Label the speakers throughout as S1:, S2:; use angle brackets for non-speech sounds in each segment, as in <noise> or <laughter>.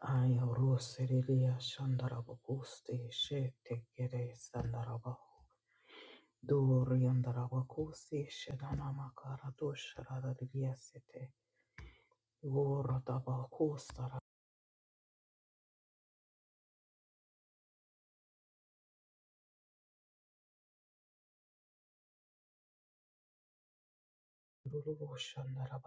S1: Ayo serilia shandaraba kusti she Ayah,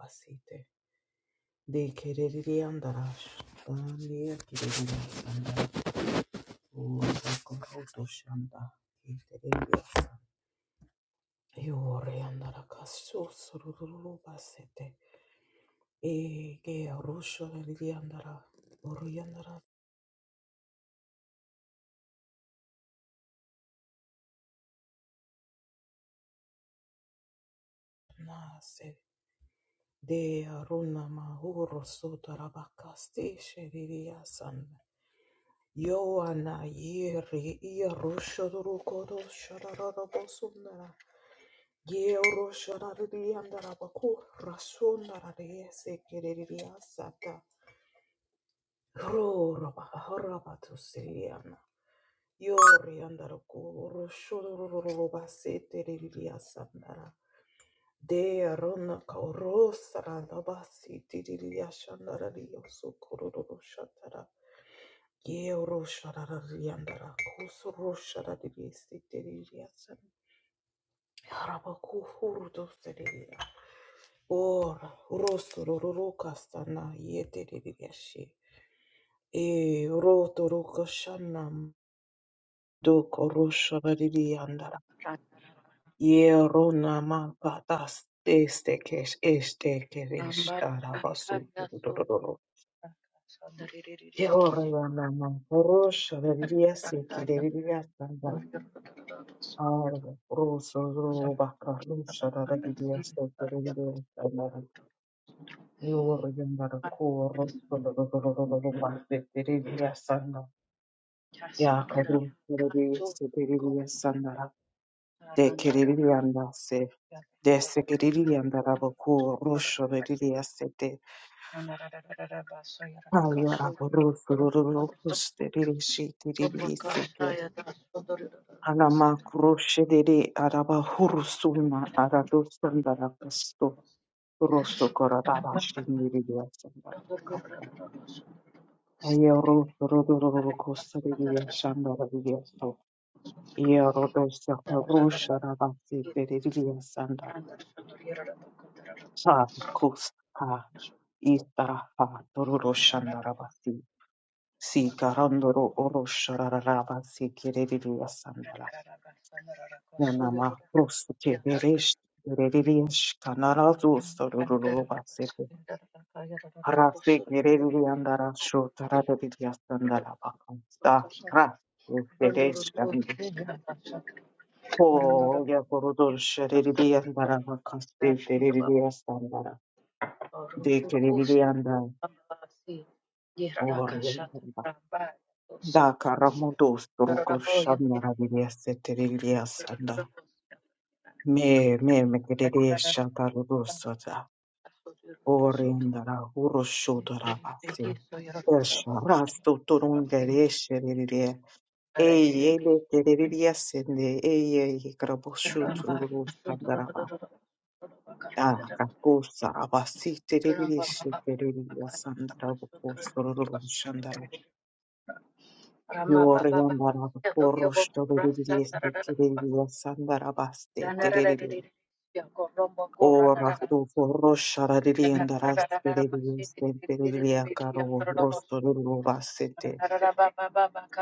S1: De kereri andara shandani kereri andara o roto shanda kereri Yoriandara kasururu basete. Ege arusho liliandara. Oriandara nase. De aruna mahuro sotara bakasteshe liliasan. Yoana yeri irusho rukodo shararara bosundara. Yero sharariliandara baku rasundara liese kereliasata. Ro roba harabatu Yori andara koro shororo basete riria sandara. De arona kaoro saranda basete riria shandara rio sokororo shatara. Ye oro sharara riandara kosoro sharara riesete riria sandara. Araba kuhuru doste riria. Ora rosororo kastana yete riria shi. E roto roko Doko rosharari Yeronama patas estekesh estekeresh arabasu dododoro. Yeronama porosh revia sikere revia sanda arve roso roba karusha revia sotoro revia sanda. Yeronama koro dododoro mate revia sanda. Ya karusha revia sikere revia sanda. De Yerorema Desekeriri andaraboku rosho riri asete kaya aboro sororo kusteriri shitiriri sike anama kroshe dere araba hurusuna aradosandara kusto rosho koradara shiniri yasandara kapa aya roso rororo kusteriri yasandara yasto aya rodosa rosha rabasi teriri yasandara sa kus ha istara ha tororo Si karandoro oro shararaba si kiriri asandara. Nanama prosu ke beresh bererish kanarazu sorurururba sepe. Harase kiriri andara sho taradiri asandara bakam. Sta ras beresh andu. Ko ya korudur şeriri andara bakam. Ste bereri asandara. De kiriri andara. Or Da karamudu sorukor şanlara biliyase teriliya Me me me kerere shatarudusata orindara urushudara asi esharastu turundere sherere eye de kerere sende eye kraboshu tururu sandaraba da kakusa abasi terere sherere sandara bukusururu shandara yore yandara urushudere kerere sandara baste terere Ora tu forroscia la rientra stile senteria caro rosto lulu bassete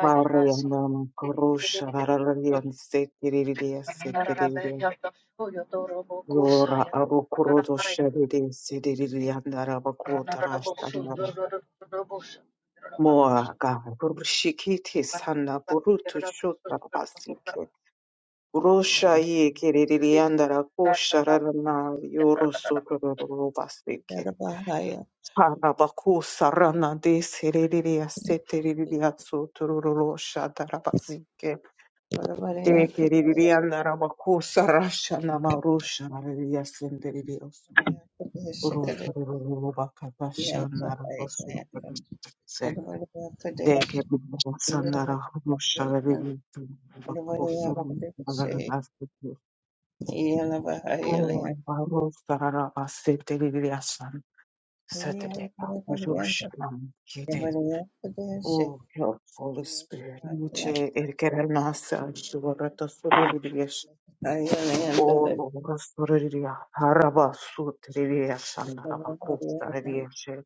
S1: mare andama corroscia la rian setiria seteria ora avo corrodo scelere sediria andara vacuota rascia andara moa ga burshikiti sanna burutu shutta basike rosha ye keriri andara kosha rana yoro soto lulu Harabaku saranade sereriya setereriya sotururu shadarabasike. Dekereriya narabaku sarasha namarusha nareriya senderiya urosururu bakadasha narabasu se. Dekeriya sanara rusha reriya baku saran nagarnasike. Orbaru sararabasete reriya san. Setedeka rusha nam Oh, helpful Holy Spirit. Niche el querer nace al suorata sororias. Oh, sororia. Haraba sutriria sanaraba costa riesce.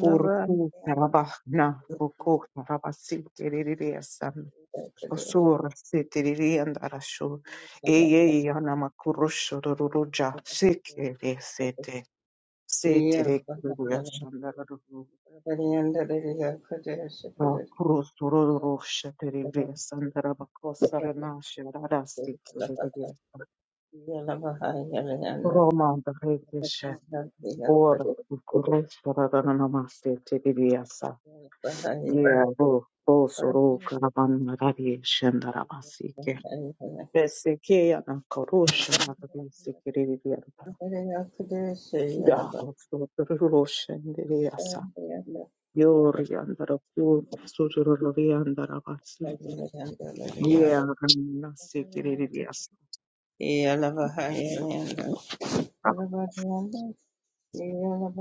S1: Urku tarabahna ruku tarabasi tiriria san. Osur sitiriria andarashu. Eye yanama kurusho ruruja. Sikiri sete. Sitiri kuruja Oh, Kros Toro Rosha Terebe Sandra Bakosa Ranasha Radasti Roma Rekesha or Kros Radanamaste Tebiasa. Yeah, Ro Bosoro Karavan Radi Shandarabasike. Beseke and Korosha Radasikirivian. Yeah, Roshan Deriasa. Yori and the Rakur Suturu Riandarabasike. Yeah, I'm not sick, it is, yes.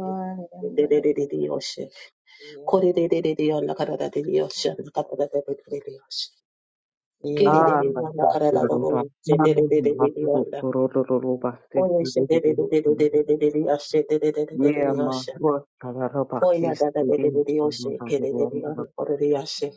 S2: De de de de de dioshe, kore de de de de on la cara de dioshe, kato de de de de dioshe, ki de
S1: Ah,
S2: de on
S1: that's
S2: la
S1: that,
S2: cara
S1: you
S2: de
S1: know, that.
S2: doloroshe, de de de de
S1: Mm,
S2: de
S1: that's the
S2: diosla,
S1: little, little, little basket,
S2: koye
S1: it
S2: shi
S1: is,
S2: de
S1: it
S2: de de de
S1: is.
S2: de de de dioshe, de de de de de
S1: Yeah, my
S2: dioshe,
S1: work, I got a bucket,
S2: koye
S1: it
S2: ada de de de
S1: is, you
S2: dioshe,
S1: know, that
S2: ki
S1: is
S2: de
S1: one
S2: de
S1: of
S2: on
S1: them.
S2: oru dioshe,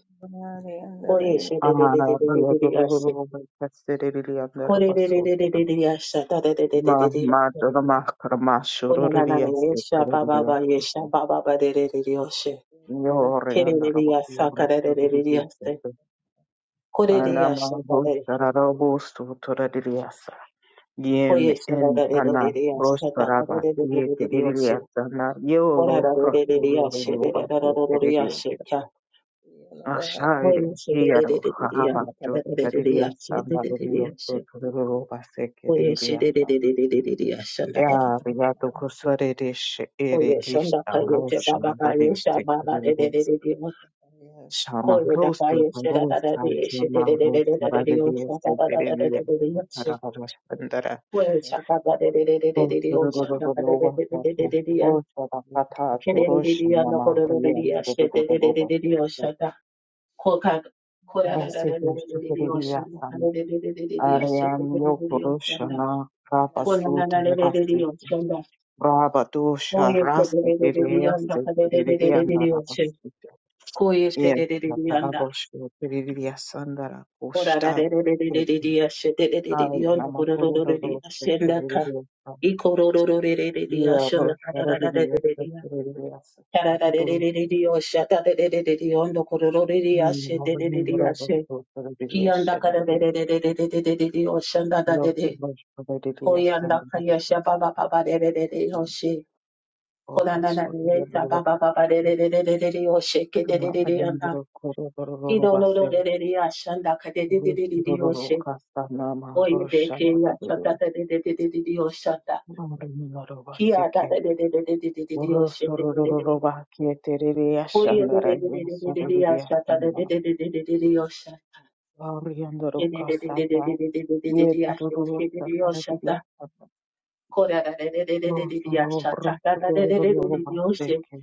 S2: koye shi de de de de
S1: Ah,
S2: de
S1: the
S2: de
S1: little, little,
S2: dioshe,
S1: little basket, it is, it is, I'm not a
S2: kore de de
S1: basket,
S2: de de
S1: you
S2: de
S1: know.
S2: dioshe, ta de de de de de
S1: Ma,
S2: dios,
S1: ma, the the ma, the ma, sure,
S2: ona na
S1: it is,
S2: na na
S1: yes,
S2: ye
S1: it is,
S2: shaba
S1: it
S2: baba
S1: is,
S2: ye
S1: yes.
S2: shaba baba de de de dioshe,
S1: You're
S2: ki
S1: in the
S2: de
S1: rubber, you're
S2: diosa
S1: in
S2: cara
S1: the
S2: de
S1: rubber, it
S2: de
S1: is,
S2: diosde.
S1: yes, yes.
S2: Kore
S1: Anama,
S2: liyashi da
S1: who's
S2: le.
S1: the rubber, who's to, to the yes. Yem
S2: Koye shada
S1: en
S2: da le.
S1: ana
S2: Dore liyashi ndaka da
S1: prostoraba
S2: le.
S1: ye
S2: Dore liyoshi.
S1: teririya sana
S2: Kora
S1: yolo
S2: da le liyashi.
S1: rostororo
S2: Dede da le
S1: basu
S2: da le
S1: teririya.
S2: liyashi. Kya?
S1: Aşağı
S2: Koye shi le le le
S1: hiyaro
S2: le
S1: haba
S2: liyanda. Ndaka da
S1: çok
S2: le
S1: teririya
S2: liyashi.
S1: sana
S2: Dede
S1: teririya
S2: liyashi.
S1: so teririya basu
S2: Koye shi
S1: teririya
S2: le le le
S1: sana.
S2: le le liyashi ndaka da
S1: Ya biya to
S2: le.
S1: kusore deş ere
S2: Koye
S1: ista
S2: ndaka liyashi
S1: aroş
S2: baba
S1: rada
S2: baye
S1: deşte
S2: shaba da le le
S1: teririya.
S2: le liyoshi.
S1: shama
S2: Koye shaba
S1: rosto rostor
S2: liyashi da da da
S1: rosa
S2: liyashi.
S1: şama
S2: Dede le le le
S1: rosa
S2: da le
S1: rada
S2: liyoshi.
S1: deşte
S2: Baba da da da le
S1: teririya.
S2: liyoshi.
S1: Tarabara
S2: Well, shaka ba de de de de
S1: Yes,
S2: de de de, oh, shaka ba de de de de de de de de, yeah. Ke de de de de, yeah, no, ko de de de yeah, she de de de de de de, oh, shaka. Ko ka- ko da da da da da da de de, oh, shaka. Ka de de de de de de yeah, she de de de de de, oh, shaka. Ko na na de de de de, oh, shaka. Ko ye she de de de de de, yeah, no, ka de de de de de de de, oh, she. Ko ye she de de de de, yeah, na. Ko da da de de de de de de de, yeah, she de de de de de, oh, no, ko de de de de yeah, she na ka. I ro ro ro de de de de, yeah, she na ka da da
S1: Roshar
S2: da
S1: did
S2: de
S1: the
S2: de de de,
S1: best
S2: yeah.
S1: of the best.
S2: Kia
S1: I don't know why I was chosen for it. I just did Yes, and the best I could. Or I thought I would do best. I don't know what I was thinking. I was thinking I was the
S2: Oye,
S1: best. I was the best. Yeh dil dosto kare dil dosto ro ro ro ro ro ro baate ki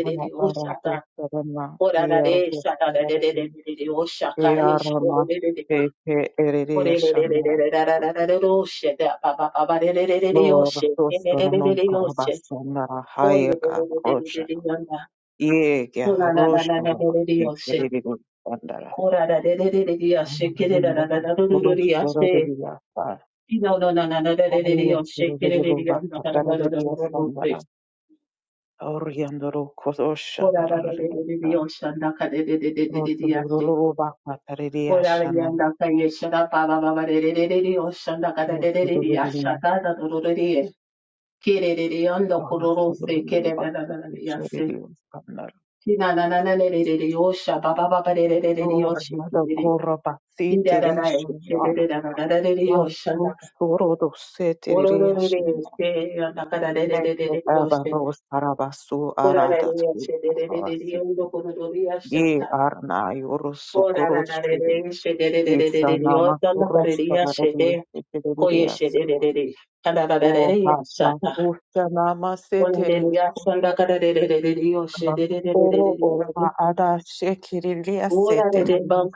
S1: mana par raho sabarna dia ro doston ke dia rama ke erdeyan se na love dostonon ko baaton dara haiya ka roshna yeh kya roshna baate ki
S2: Oh,
S1: bhi koi banda ra
S2: Ko la la de de de de de
S1: hum
S2: yashi kere
S1: din
S2: la la la la do
S1: ko
S2: do do
S1: roshna ke
S2: yashi.
S1: dil dosto
S2: No no no no no de de de yashi kere de de la la la
S1: kare
S2: la la
S1: dil
S2: do
S1: dosto
S2: do.
S1: Oriandoro
S2: Ko
S1: Kodosha
S2: la la de de
S1: Daraliata
S2: de de de yashi
S1: Rosuluru Bakatari
S2: ko la la
S1: Ashana
S2: yashi. Baba baba de de de de de yashi ko la la de de de de de yashi.
S1: Rosuluru
S2: Baba baba de de de de de yashi. Kere de de yando koro ro se
S1: Rosuluru
S2: kere la la
S1: Batu
S2: la
S1: Pichori
S2: yashi.
S1: Skanar
S2: Kina na na na de de de yashi baba baba de de de yashi
S1: Oriada
S2: kere de.
S1: Kura Bati
S2: Kide la la yashi de de
S1: Tirishina
S2: de la la la la de de
S1: Ya
S2: yashi.
S1: Rosuro do
S2: Ora
S1: Setirishina Mekno Eva Ros Arabasu Aradat Arabasi Ye Arna Yurusukurus Shiri Isana Makurus Paradis O Baba Kusha Nama Setiri Oro Orva Ada Shekirilia Setiri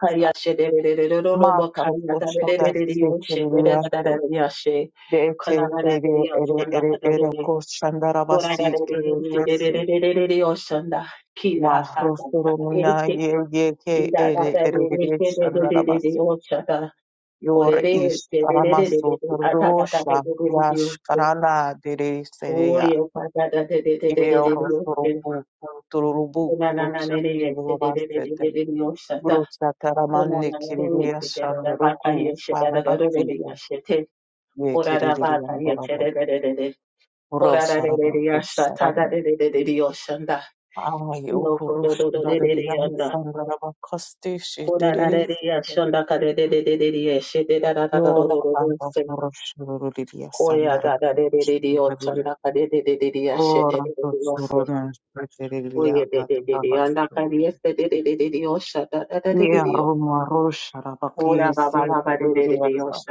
S1: Mata Kushoda Setirilia Se Deke Ere Ere Ere Ere Koshandarabasir Keriliasi
S2: Oshanda, Kira, Tata,
S1: Mahrosurumna
S2: Eke,
S1: Ye Yeke
S2: Kira,
S1: Ere
S2: Tata,
S1: Ere Ere
S2: Eke, Dededede,
S1: Shandarabasi
S2: Oshanda,
S1: Yor
S2: Korere,
S1: Ish
S2: Dededede,
S1: Karamasu
S2: Atata, Tata,
S1: Rosha
S2: Dededede,
S1: Yash Karana Dere
S2: Oye, Tata,
S1: Ero
S2: Dededede, Oshanda,
S1: suruku tururubu
S2: Onanana,
S1: rutsu
S2: Nene, Eke,
S1: tururubasete.
S2: Dededede, Oshanda,
S1: Brutsa taramani
S2: Onanana, Nene,
S1: kiriria
S2: Eke, Dededede, Bata,
S1: shandaruku
S2: Yeshe, Dededede,
S1: parabasito.
S2: Yashete,
S1: Ye
S2: Korara,
S1: kiririria
S2: Bata, Yeshe,
S1: ndarabo.
S2: Dededede, Korara,
S1: Rosarabo
S2: Dededede, Yashata,
S1: kusharabo.
S2: Dededede, Oshanda,
S1: Ay
S2: Ora
S1: ukurush raririam sandarabo kosti shiterisi. Yora bamba kurush ruririria sandarabu kusharabo. Ora tutsurudun shiteririria katarabasto. Yeah, Roma Rosha Rabaki Sekeriasa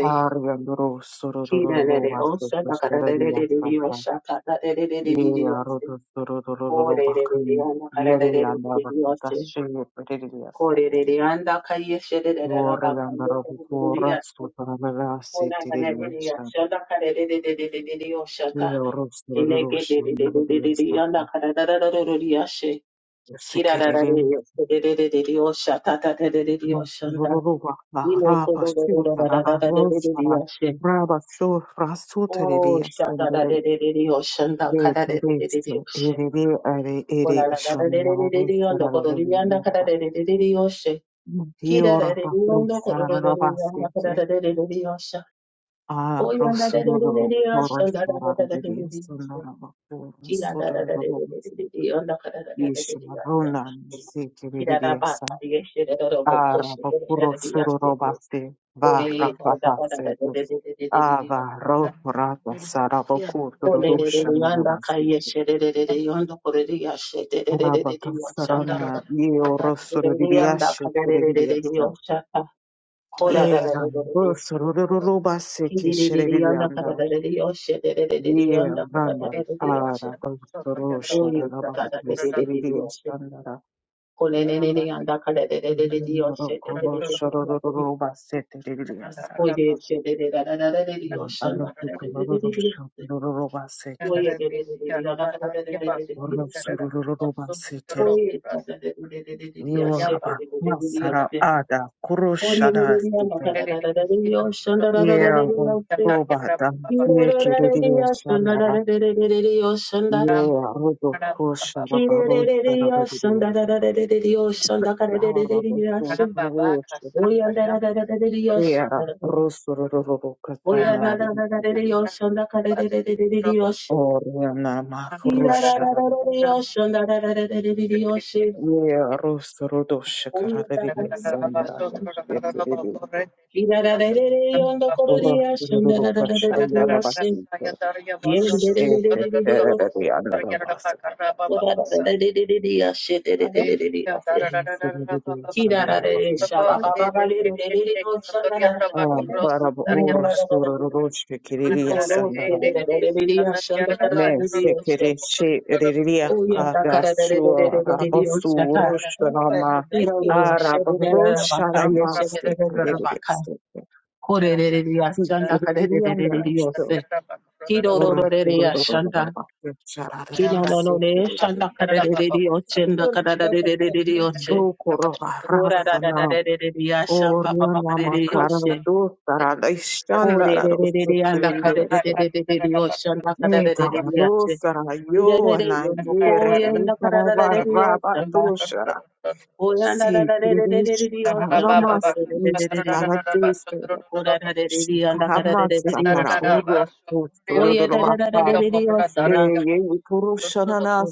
S1: Arya Duro Surodoro Vasta Kusteriasa Yeah, Rodo Surodoro Bakun Yeri and Abakatashi Peridiasa
S2: Korereyanda kayeshererera
S1: Yore and
S2: bakayeshererera
S1: Rabukura Sutaravasi
S2: konananeriya
S1: Tiriasa
S2: shanda karererererereriyo
S1: Yeah,
S2: shata
S1: Rosha Rosha Naviasa
S2: inekederererereriyanda kararararororiyashe
S1: Sekeri
S2: kirararareriyo serererereriyo shata taterereriyo shanda
S1: raba,
S2: inokorororororororororororiyashe Oh, shata da de de de de yo shanda kada de de de de de yo she. Ola la la da de de de de de yo no kodo de yanda kada de de de de de yo she. キララレリオンドコロロロリオンダカララレレレリオッシャ。オヨンダレレレレリオッシャ。ダラダラレレレリオッシャ。キラララレレレレリオンダカララレレレリオッシャ。キララバタリエシェレロボコシェレレリオッシャ。オレエダララレレレレレリオッシャ。オレレレリオンダカイエシェレレレリオンドコレリアシェレレレレリオッシャ。レリオンダカレレレレリオッシャ。コララレレレ
S1: Rona, Arabakuro Sururobasi Va Rakvatase dus Ava Rokurata Sarabaku Sururusha Narabasi Rabakasarana Yorosuririasha Suriasa Egan Busururubasi
S2: Oh,
S1: Kishirianda Yelanda Arabakurusha Rabakvisiriasandara Rokurusha Rubasi Arasukurubasete, Orosurubasete, Yoraba, Masara Ada, Kurushada Sute, Yea, Roba, Dam, Yekiridio Sandara, Yea, Rodo Fushara Barosara
S2: Yoshe.
S1: Vidio, Sahara Bosu Rushete, Yea, Rosurubukasana Yidi, Oriana Mahurushara Yeah, roast rodosh karadeli sandar shetiri roast rodo kashandara basita dete tereri andara basa roast rodo
S2: Kira
S1: sandara basita um barab roast rodosh kiriri sandara me sekere she riria kada shua rabosu roshama arab roshama shetiri shetiri kiriri andara Ora
S2: Oh, de de de de de anda kada de de de de de re, osha anda kada de de de re de de de re, yondo koye anda kada da da de de re re osha anda. Oye de de de de de de re re da anda de de de de de de re. Ora re de de de anda kada de re re re osha. Oye re da re de de re osha anda.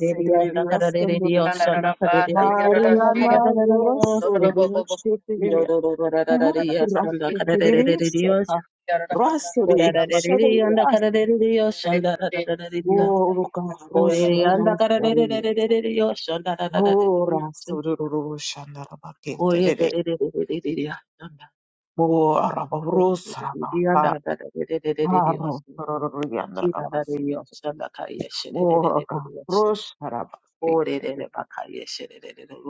S2: de re anda kada de de de osha anda kada de de de anda kada re
S1: Mariana
S2: re re re osha.
S1: Rosorulu
S2: Ro
S1: Shetiria.
S2: ro ro ro ra ra ra de ocean anda kada de de re re osha.
S1: Kirivishata.
S2: Ora
S1: Rasuri
S2: de de de anda
S1: Shadayas
S2: kada re re re de de
S1: Boruka
S2: Oriyanda
S1: Rosorulu Shadayasa.
S2: kararererererere yoshanda
S1: Ora
S2: rararerereriyase.
S1: Soruru Shandarabake Terere.
S2: Koyerererererereriyashanda.
S1: Ora
S2: Oriyanda
S1: Rosaraba. Aro
S2: rararerererereriyose.
S1: Soruru Yandarabasi.
S2: Kirarareyoshanda
S1: Ora
S2: kayesherererereriyose.
S1: Rosarabasi
S2: Orerere
S1: Kerebe.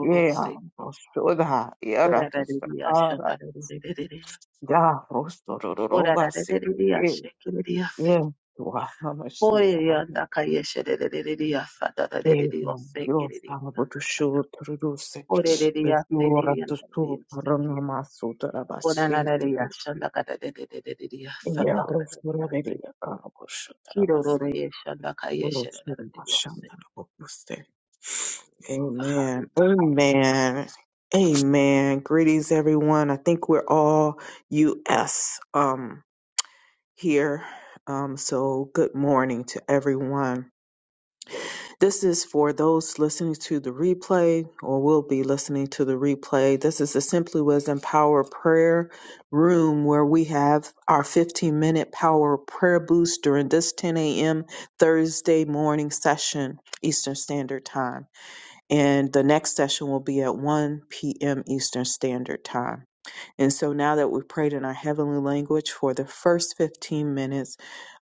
S1: Yeah, Rosoda Yaratosa.
S2: Orarareriyashanda
S1: Ara.
S2: rararerererere.
S1: Ya Rosoruru Basi.
S2: Orararerereriyashe kireriyase.
S1: Yeah, Wahamashivaratam.
S2: Oriyanda kayesherererereriyasa
S1: Devam
S2: rararereriyose kireriyanda.
S1: Yosambutushu Truduse, <laughs> the
S2: Orereriyase
S1: Sura to
S2: kiriyanda
S1: Su
S2: rarareriyose.
S1: Paranamasu Tarabashi, Yahosuravilla Karabushu Tarabasi, Urusuramashandarabuste. Amen. Amen. Amen. Greetings, everyone. I think we're all U.S. um here. Um, so good morning to everyone. This is for those listening to the replay or will be listening to the replay. This is the Simply Wisdom Power Prayer Room where we have our 15 minute power prayer boost during this 10 a.m. Thursday morning session, Eastern Standard Time. And the next session will be at 1 p.m. Eastern Standard Time. And so now that we've prayed in our heavenly language for the first 15 minutes,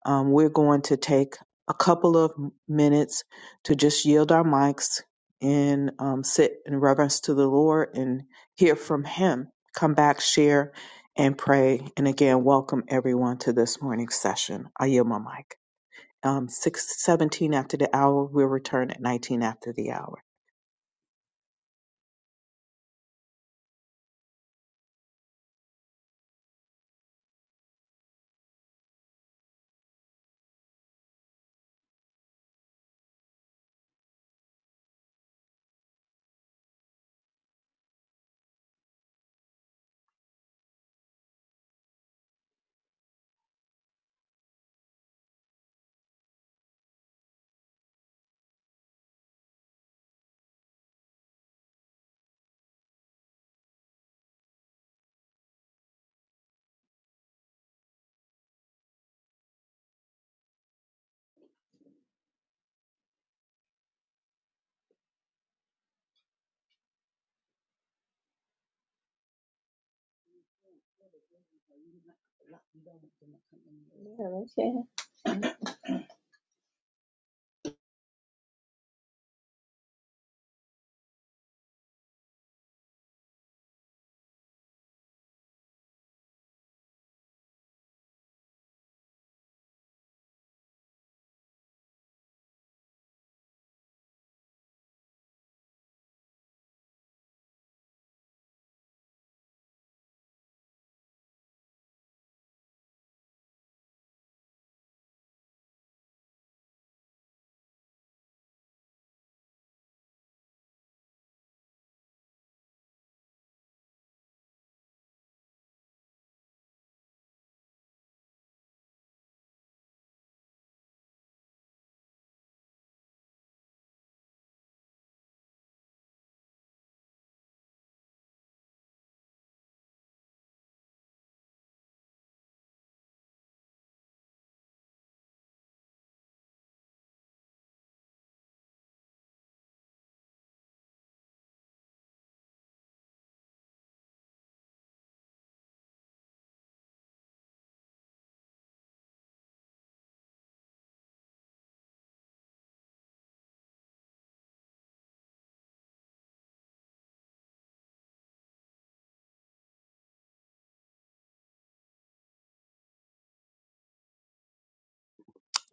S1: um, we're going to take a couple of minutes to just yield our mics and um, sit in reverence to the Lord and hear from Him. Come back, share, and pray. And again, welcome everyone to this morning's session. I yield my mic. Um, 6 17 after the hour, we'll return at 19 after the hour.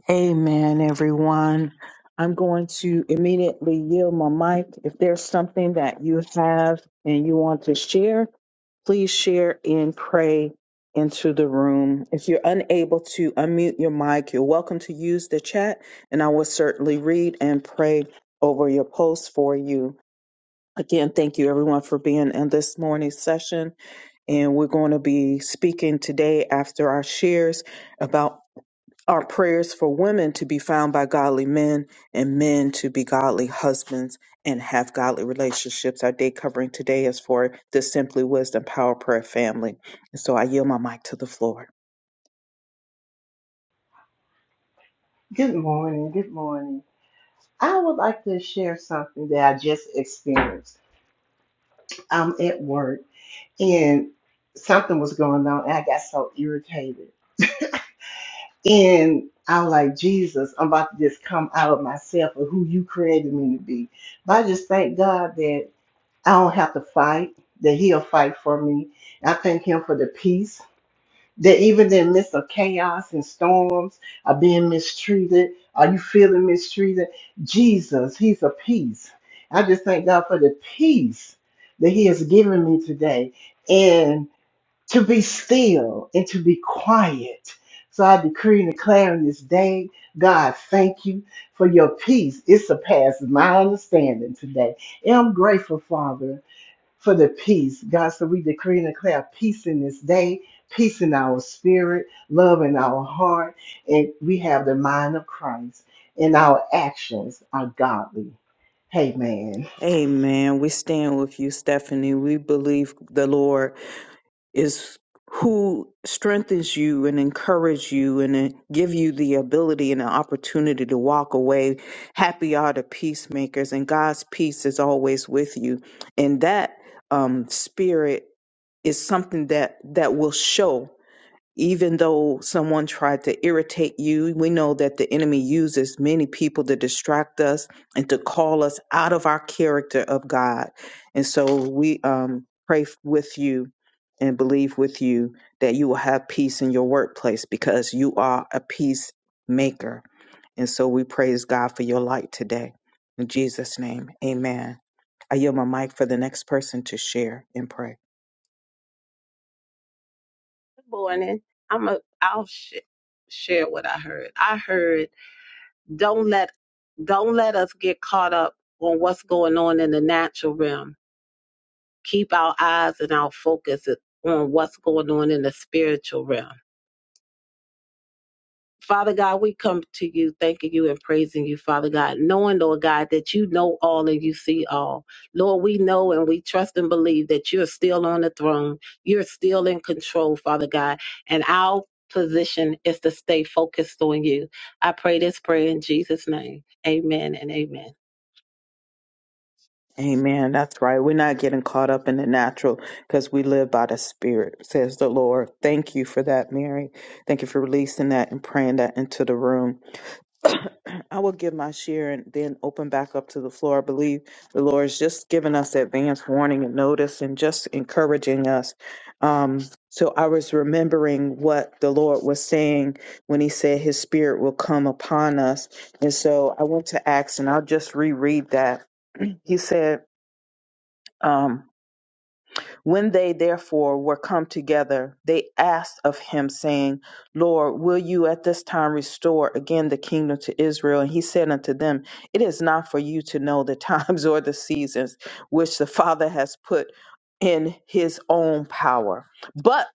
S1: Amen, everyone. I'm going to immediately yield my mic. If there's something that you have and you want to share, please share and pray into the room. If you're unable to unmute your mic, you're welcome to use the chat, and I will certainly read and pray over your posts for you. Again, thank you everyone for being in this morning's session. And we're going to be speaking today after our shares about our prayers for women to be found by godly men and men to be godly husbands and have godly relationships. Our day covering today is for the Simply Wisdom Power Prayer family. And so I yield my mic to the floor.
S3: Good morning. Good morning. I would like to share something that I just experienced. I'm at work and something was going on and I got so irritated. And I was like, Jesus, I'm about to just come out of myself of who you created me to be. But I just thank God that I don't have to fight, that He'll fight for me. I thank Him for the peace that even in the midst of chaos and storms are being mistreated. Are you feeling mistreated? Jesus, He's a peace. I just thank God for the peace that He has given me today and to be still and to be quiet. So I decree and declare on this day, God, thank you for your peace. It surpasses my understanding today. And I'm grateful, Father for the peace. God, so we decree and declare peace in this day, peace in our spirit, love in our heart, and we have the mind of Christ, and our actions are godly. Amen.
S1: Amen. We stand with you, Stephanie. We believe the Lord is who strengthens you and encourage you and then give you the ability and the opportunity to walk away happy are the peacemakers and god's peace is always with you and that um, spirit is something that that will show even though someone tried to irritate you, we know that the enemy uses many people to distract us and to call us out of our character of God. And so we um, pray with you and believe with you that you will have peace in your workplace because you are a peacemaker. And so we praise God for your light today. In Jesus' name, amen. I yield my mic for the next person to share and pray.
S2: Good morning. I'm a, I'll sh- share what I heard. I heard don't let don't let us get caught up on what's going on in the natural realm. Keep our eyes and our focus on what's going on in the spiritual realm Father God, we come to you thanking you and praising you, Father God, knowing, Lord God, that you know all and you see all. Lord, we know and we trust and believe that you're still on the throne. You're still in control, Father God. And our position is to stay focused on you. I pray this prayer in Jesus' name. Amen and amen.
S1: Amen. That's right. We're not getting caught up in the natural because we live by the Spirit, says the Lord. Thank you for that, Mary. Thank you for releasing that and praying that into the room. I will give my share and then open back up to the floor. I believe the Lord is just giving us advance warning and notice and just encouraging us. Um, so I was remembering what the Lord was saying when He said His Spirit will come upon us. And so I went to Acts and I'll just reread that. <clears throat> He said, um, When they therefore were come together, they asked of him, saying, Lord, will you at this time restore again the kingdom to Israel? And he said unto them, It is not for you to know the <laughs> times or the seasons which the Father has put in his own power, but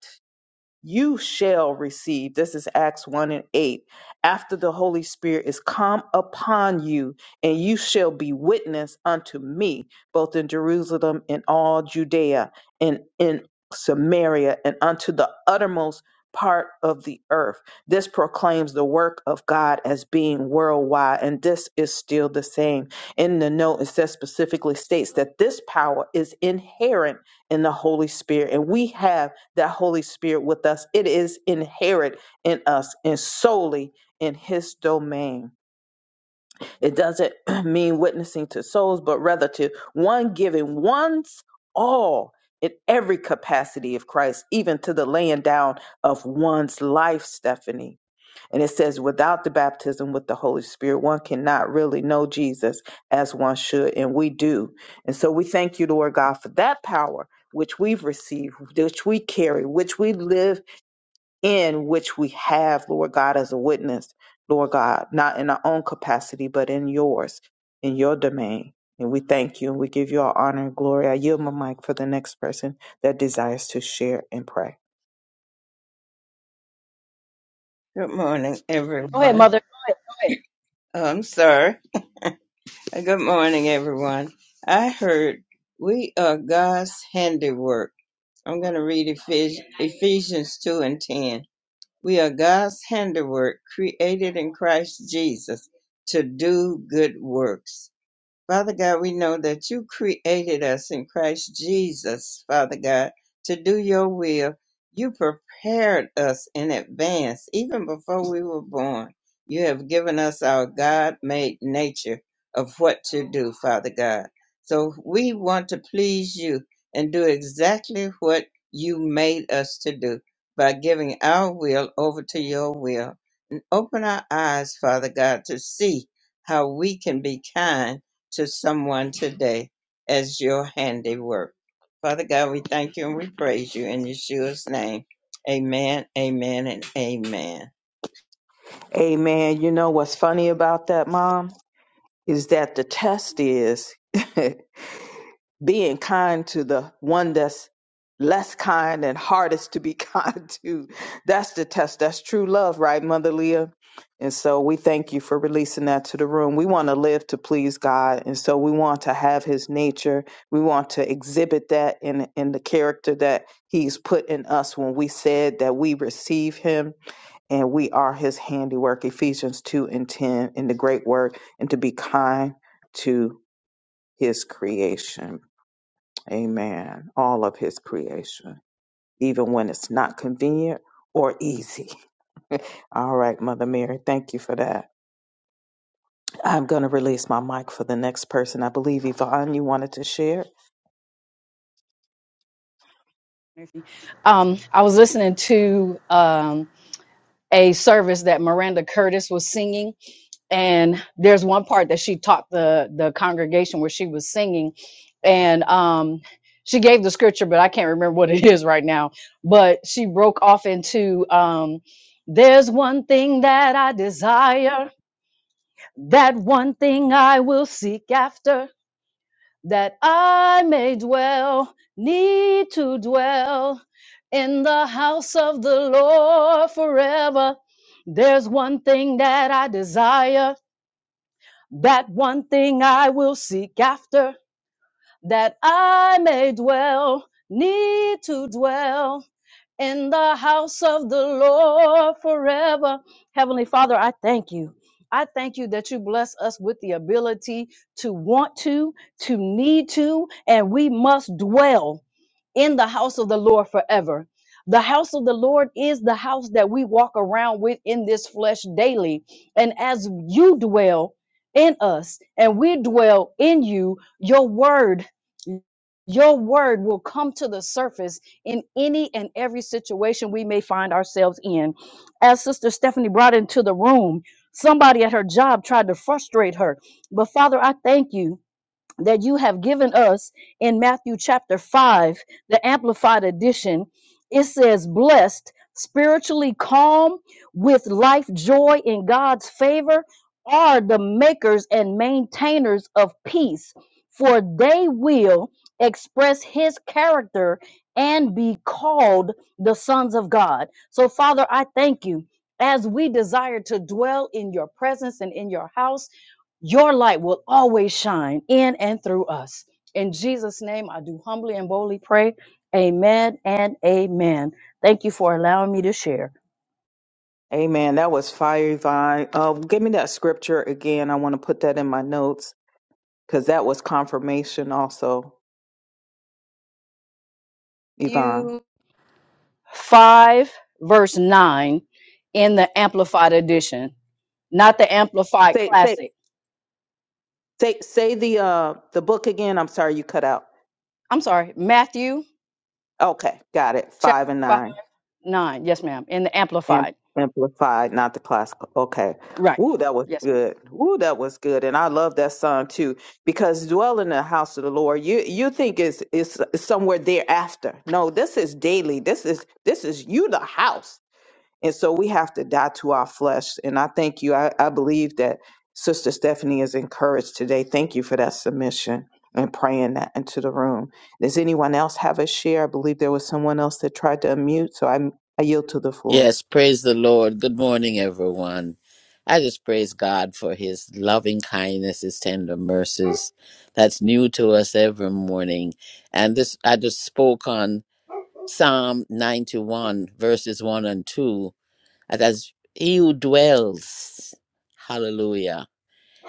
S1: you shall receive. This is Acts 1 and 8. After the Holy Spirit is come upon you, and you shall be witness unto me, both in Jerusalem and all Judea and in Samaria and unto the uttermost part of the earth. This proclaims the work of God as being worldwide, and this is still the same. In the note, it says specifically states that this power is inherent in the Holy Spirit, and we have that Holy Spirit with us. It is inherent in us and solely in His domain. It doesn't <clears throat> mean witnessing to souls, but rather to one giving one's all in every capacity of Christ, even to the laying down of one's life, Stephanie. And it says, without the baptism with the Holy Spirit, one cannot really know Jesus as one should, and we do. And so we thank you, Lord God, for that power which we've received, which we carry, which we live in which we have, Lord God, as a witness, Lord God, not in our own capacity, but in yours, in your domain. And we thank you and we give you all honor and glory. I yield my mic for the next person that desires to share and pray.
S4: Go ahead,
S1: Amen. You know what's funny about that, Mom, is that the test is <laughs> being kind to the one that's less kind and hardest to be <laughs> kind to. That's the test. That's true love, right, Mother Leah? And so we thank you for releasing that to the room. We want to live to please God. And so we want to have his nature. We want to exhibit that in, in the character that he's put in us when we said that we receive him and we are his handiwork, Ephesians 2 and 10 in the great word, and to be kind to his creation. Amen. All of his creation, even when it's not convenient or easy. <laughs> All right, Mother Mary, thank you for that. I'm going to release my mic for the next person. I believe Yvonne, you wanted to share.
S4: Murphy. Um, I was listening to um, a service that Miranda Curtis was singing, and there's one part that she taught the the congregation where she was singing, and um, she gave the scripture, but I can't remember what it <laughs> is right now. But she broke off into um, "There's one thing that I desire, that one thing I will seek after." that I may dwell, need to dwell in the house of the Lord forever. There's one thing that I desire, that one thing I will seek after, that I may dwell, need to dwell in the house of the Lord forever. Heavenly Father, I thank you. I thank you that you bless us with the ability to want to, to need to, and we must dwell in the house of the Lord forever. The house of the Lord is the house that we walk around with in this flesh daily. And as you dwell in us and we dwell in you, your word your word will come to the surface in any and every situation we may find ourselves in. As Sister Stephanie brought into the room, somebody at her job tried to frustrate her. But Father, I thank you that you have given us in Matthew chapter 5, the Amplified Edition. It says, blessed, spiritually calm, with life joy in God's favor, are the makers and maintainers of peace, for they will express his character and be called the sons of God. So, Father, I thank you. As we desire to dwell in your presence and in your house, your light will always shine in and through us. In Jesus' name, I do humbly and boldly pray. Amen and amen. Thank you for allowing me to share.
S1: Amen. That was fire, Yvonne. Uh, give me that scripture again. I want to put that in my notes because that was confirmation also, Yvonne.
S4: Matthew 5, verse 9 in the Amplified Edition, not the Amplified
S1: Say, say,
S4: Classic.
S1: say, say the uh, the book again. I'm sorry, you cut out.
S4: I'm sorry, Matthew
S1: Okay, got it.
S4: chapter
S1: Five and
S4: 5,
S1: nine.
S4: 9. Yes, ma'am, in the
S1: Am-
S4: Amplified.
S1: amplified, not the classical. Okay.
S4: Right.
S1: Ooh, that was
S4: Yes, ma'am.
S1: good. Ooh, that was good. And I love that song too, because dwell in the house of the Lord, you you think it's it's somewhere thereafter. No, this is daily. This is this is you the house. And so we have to die to our flesh. And I thank you. I, I believe that Sister Stephanie is encouraged today. Thank you for that submission and praying that into the room. Does anyone else have a share? I believe there was someone else that tried to unmute, so I, I yield to the floor.
S5: Yes, praise the Lord. Good morning, everyone. I just praise God for his loving kindness, his tender mercies that's new to us every morning. And this, I just spoke on Psalm 91, verses 1 and 2. As he who dwells, hallelujah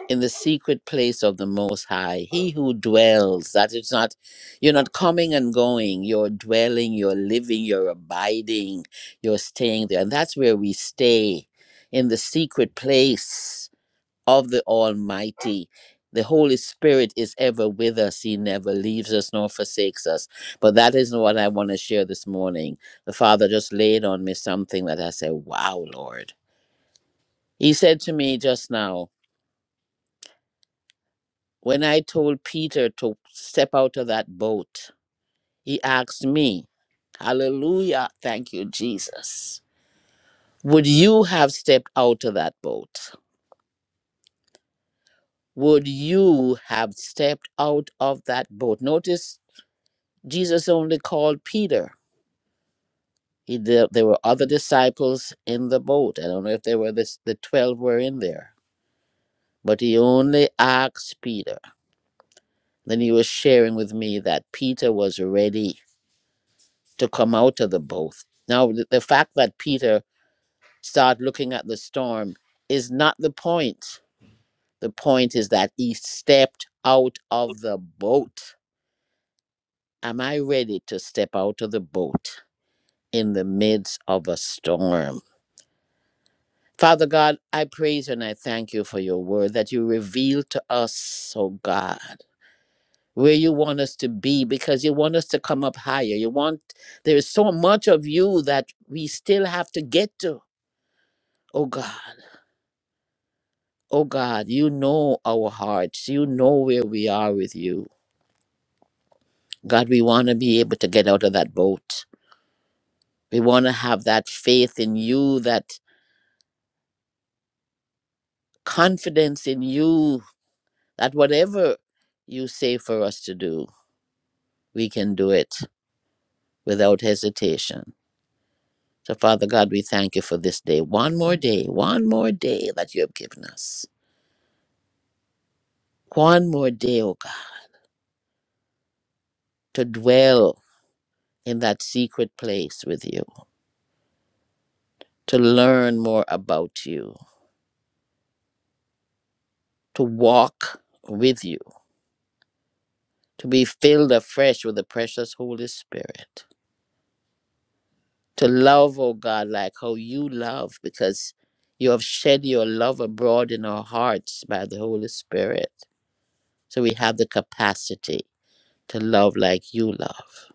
S5: in the secret place of the most high he who dwells that is not you're not coming and going you're dwelling you're living you're abiding you're staying there and that's where we stay in the secret place of the almighty the holy spirit is ever with us he never leaves us nor forsakes us but that isn't what i want to share this morning the father just laid on me something that i said wow lord he said to me just now When I told Peter to step out of that boat, he asked me, Hallelujah, thank you, Jesus. Would you have stepped out of that boat? Would you have stepped out of that boat? Notice Jesus only called Peter. He, there, there were other disciples in the boat. I don't know if they were this, the 12 were in there, but he only asked Peter. Then he was sharing with me that Peter was ready to come out of the both. Now, th- the fact that Peter started looking at the storm is not the point. The point is that he stepped out of the boat. Am I ready to step out of the boat in the midst of a storm? Father God, I praise and I thank you for your word that you reveal to us, oh God, where you want us to be because you want us to come up higher. You want, there is so much of you that we still have to get to, oh God. Oh God, you know our hearts. You know where we are with you. God, we want to be able to get out of that boat. We want to have that faith in you, that confidence in you, that whatever you say for us to do, we can do it without hesitation. So, Father God, we thank you for this day. One more day, one more day that you have given us. One more day, oh God, to dwell in that secret place with you, to learn more about you to walk with you, to be filled afresh with the precious Holy Spirit, to love, oh God, like how you love, because you have shed your love abroad in our hearts by the Holy Spirit. So we have the capacity to love like you love.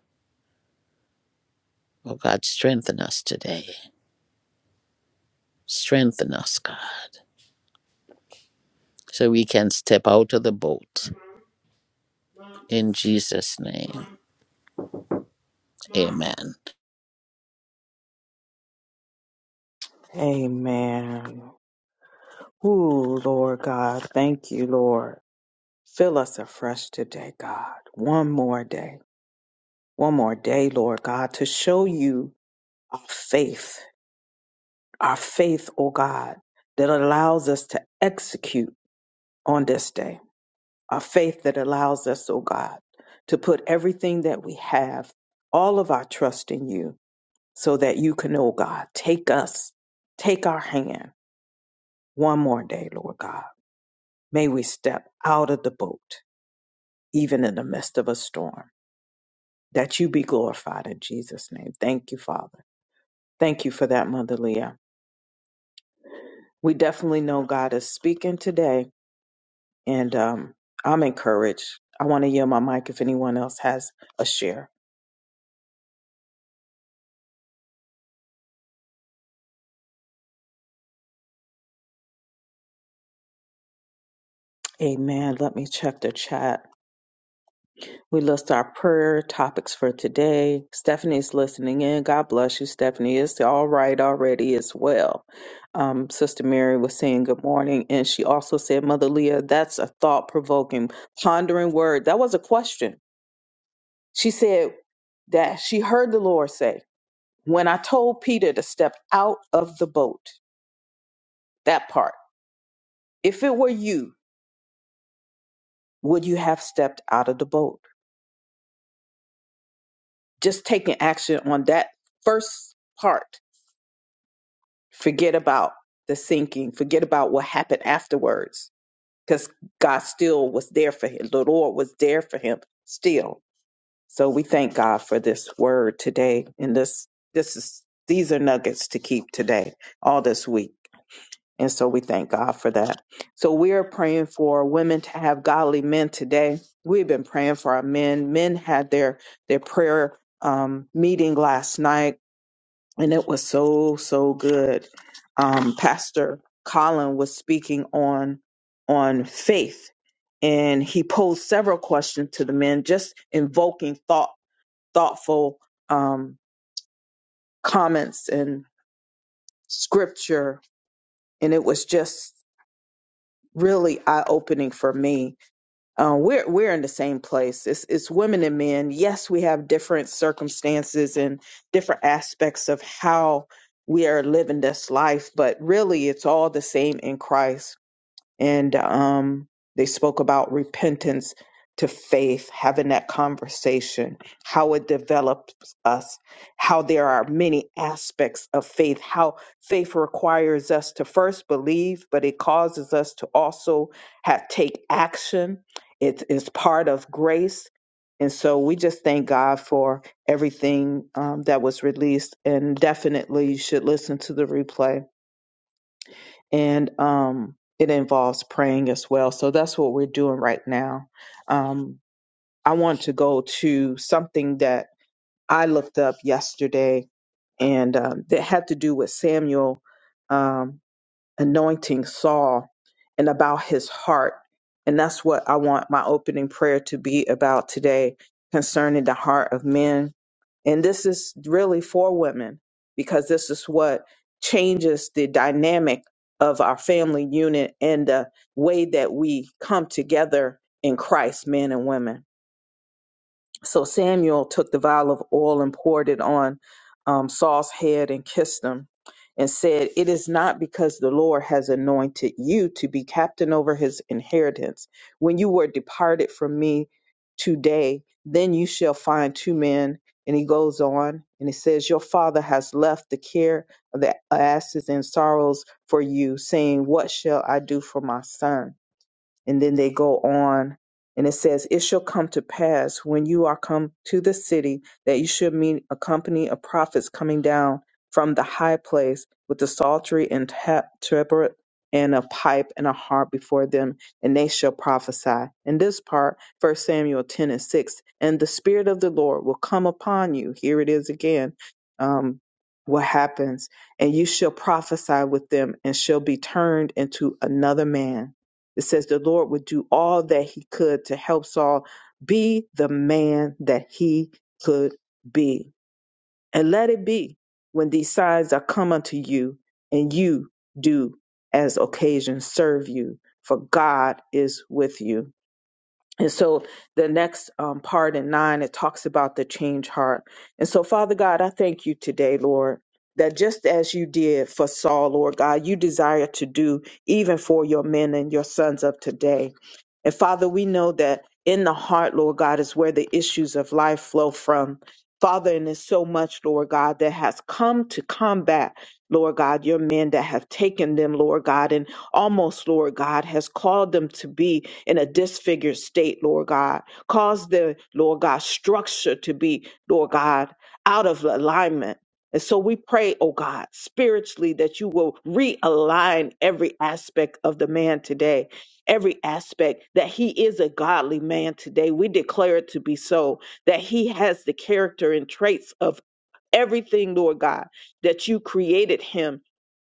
S5: Oh God, strengthen us today. Strengthen us, God, so we can step out of the boat. In Jesus' name, amen.
S1: Amen. Ooh, Lord God, thank you, Lord. Fill us afresh today, God. One more day. One more day, Lord God, to show you our faith our faith, O God, that allows us to execute on this day, our faith that allows us, O God, to put everything that we have, all of our trust in you, so that you can, O God, take us, take our hand one more day, Lord God. May we step out of the boat, even in the midst of a storm, that you be glorified in Jesus' name. Thank you, Father. Thank you for that, Mother Leah. We definitely know God is speaking today And um, I'm encouraged. I want to yield my mic if anyone else has a share. Amen. Let me check the chat. We list our prayer topics for today. Stephanie's listening in. God bless you, Stephanie. It's all right already as well. Um, Sister Mary was saying good morning, and she also said, Mother Leah, that's a thought provoking, pondering word. That was a question. She said that she heard the Lord say, When I told Peter to step out of the boat, that part. If it were you, would you have stepped out of the boat? Just taking action on that first part. Forget about the sinking, forget about what happened afterwards, because God still was there for him. The Lord was there for him still. So we thank God for this word today. And this, this is, these are nuggets to keep today, all this week. And so we thank God for that. So we are praying for women to have godly men today. We've been praying for our men. Men had their their prayer um, meeting last night, and it was so so good. Um, Pastor Colin was speaking on on faith, and he posed several questions to the men, just invoking thought thoughtful um, comments and scripture, and it was just really eye opening for me Uh, we're we're in the same place. It's it's women and men. Yes, we have different circumstances and different aspects of how we are living this life, but really, it's all the same in Christ and um, they spoke about repentance to faith, having that conversation, how it develops us, how there are many aspects of faith, how faith requires us to first believe, but it causes us to also have take action. It is part of grace. And so we just thank God for everything um, that was released. And definitely you should listen to the replay and um, it involves praying as well. So that's what we're doing right now. Um, I want to go to something that I looked up yesterday, and um, that had to do with Samuel um, anointing Saul and about his heart. And that's what I want my opening prayer to be about today concerning the heart of men and this is really for women because this is what changes the dynamic of our family unit and the way that we come together in Christ, men and women. So Samuel took the vial of oil and poured it on um, Saul's head and kissed him and said, It is not because the Lord has anointed you to be captain over his inheritance. When you were departed from me today, then you shall find two men. And he goes on and he says, Your father has left the care of the asses and sorrows for you, saying, 'What shall I do for my son? And then they go on and it says, It shall come to pass when you are come to the city that you should meet a company of prophets coming down from the high place with the psaltery and ta- tabret and a pipe and a harp before them, and they shall prophesy. In this part, First Samuel 10 and 6, and the Spirit of the Lord will come upon you. Here it is again. Um, what happens? And you shall prophesy with them and shall be turned into another man it says the Lord would do all that he could to help Saul be the man that he could be. And let it be when these signs are come unto you and you do as occasion serve you, for God is with you. And so the next um, part in nine, it talks about the change heart. And so, Father God, I thank you today, Lord, that just as you did for Saul, Lord God, you desire to do even for your men and your sons of today. And Father, we know that in the heart, Lord God, is where the issues of life flow from. Father, and there's so much, Lord God, that has come to combat, Lord God, your men that have taken them, Lord God, and almost, Lord God, has called them to be in a disfigured state, Lord God. Cause the, Lord God, structure to be, Lord God, out of alignment. And so we pray, oh God, spiritually that you will realign every aspect of the man today, every aspect that he is a godly man today. We declare it to be so, that he has the character and traits of everything, Lord God, that you created him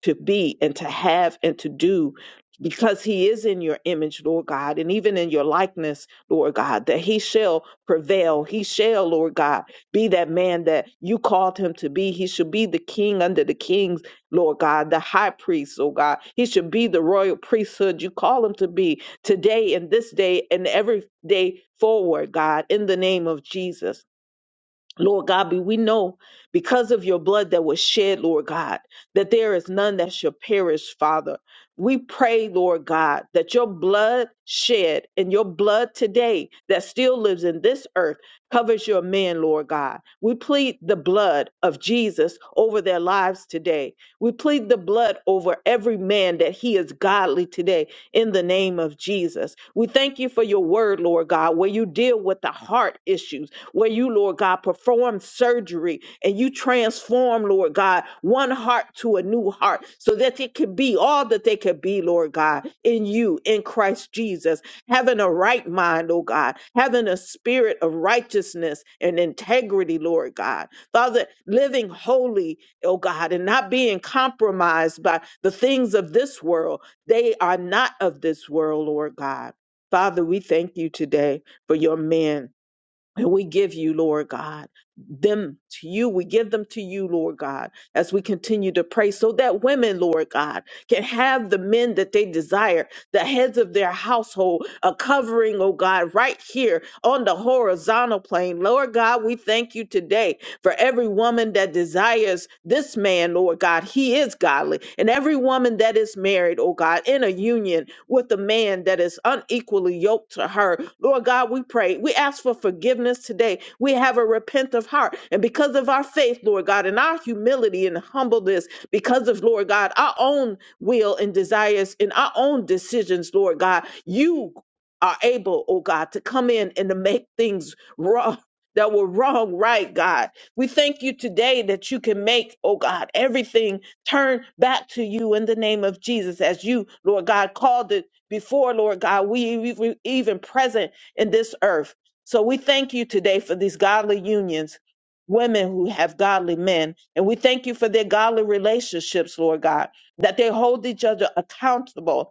S1: to be and to have and to do because he is in your image, Lord God, and even in your likeness, Lord God, that he shall prevail. He shall, Lord God, be that man that you called him to be. He should be the king under the kings, Lord God, the high priest, oh God. He should be the royal priesthood you call him to be today and this day and every day forward, God, in the name of Jesus. Lord God, we we know because of your blood that was shed, Lord God, that there is none that shall perish, Father. We pray, Lord God, that your blood shed and your blood today that still lives in this earth covers your men, Lord God. We plead the blood of Jesus over their lives today. We plead the blood over every man that he is godly today in the name of Jesus. We thank you for your word, Lord God, where you deal with the heart issues where you, Lord God, perform surgery and you transform, Lord God, one heart to a new heart so that it could be all that they could be, Lord God, in you, in Christ Jesus, having a right mind, oh God, having a spirit of righteousness and integrity, Lord God. Father, living holy, oh God, and not being compromised by the things of this world. They are not of this world, Lord God. Father, we thank you today for your men and we give you, Lord God, them to you. We give them to you, Lord God, as we continue to pray so that women, Lord God, can have the men that they desire, the heads of their household, a covering, oh God, right here on the horizontal plane. Lord God, we thank you today for every woman that desires this man, Lord God, he is godly. And every woman that is married, oh God, in a union with a man that is unequally yoked to her, Lord God, we pray. We ask for forgiveness today. We have a repentant heart. And because of our faith, Lord God, and our humility and humbleness, because of, Lord God, our own will and desires and our own decisions, Lord God, you are able, oh God, to come in and to make things <laughs> wrong that were wrong, right, God. We thank you today that you can make, oh God, everything turn back to you in the name of Jesus as you, Lord God, called it before, Lord God, we we- we even present in this earth. So we thank you today for these godly unions, women who have godly men. And we thank you for their godly relationships, Lord God, that they hold each other accountable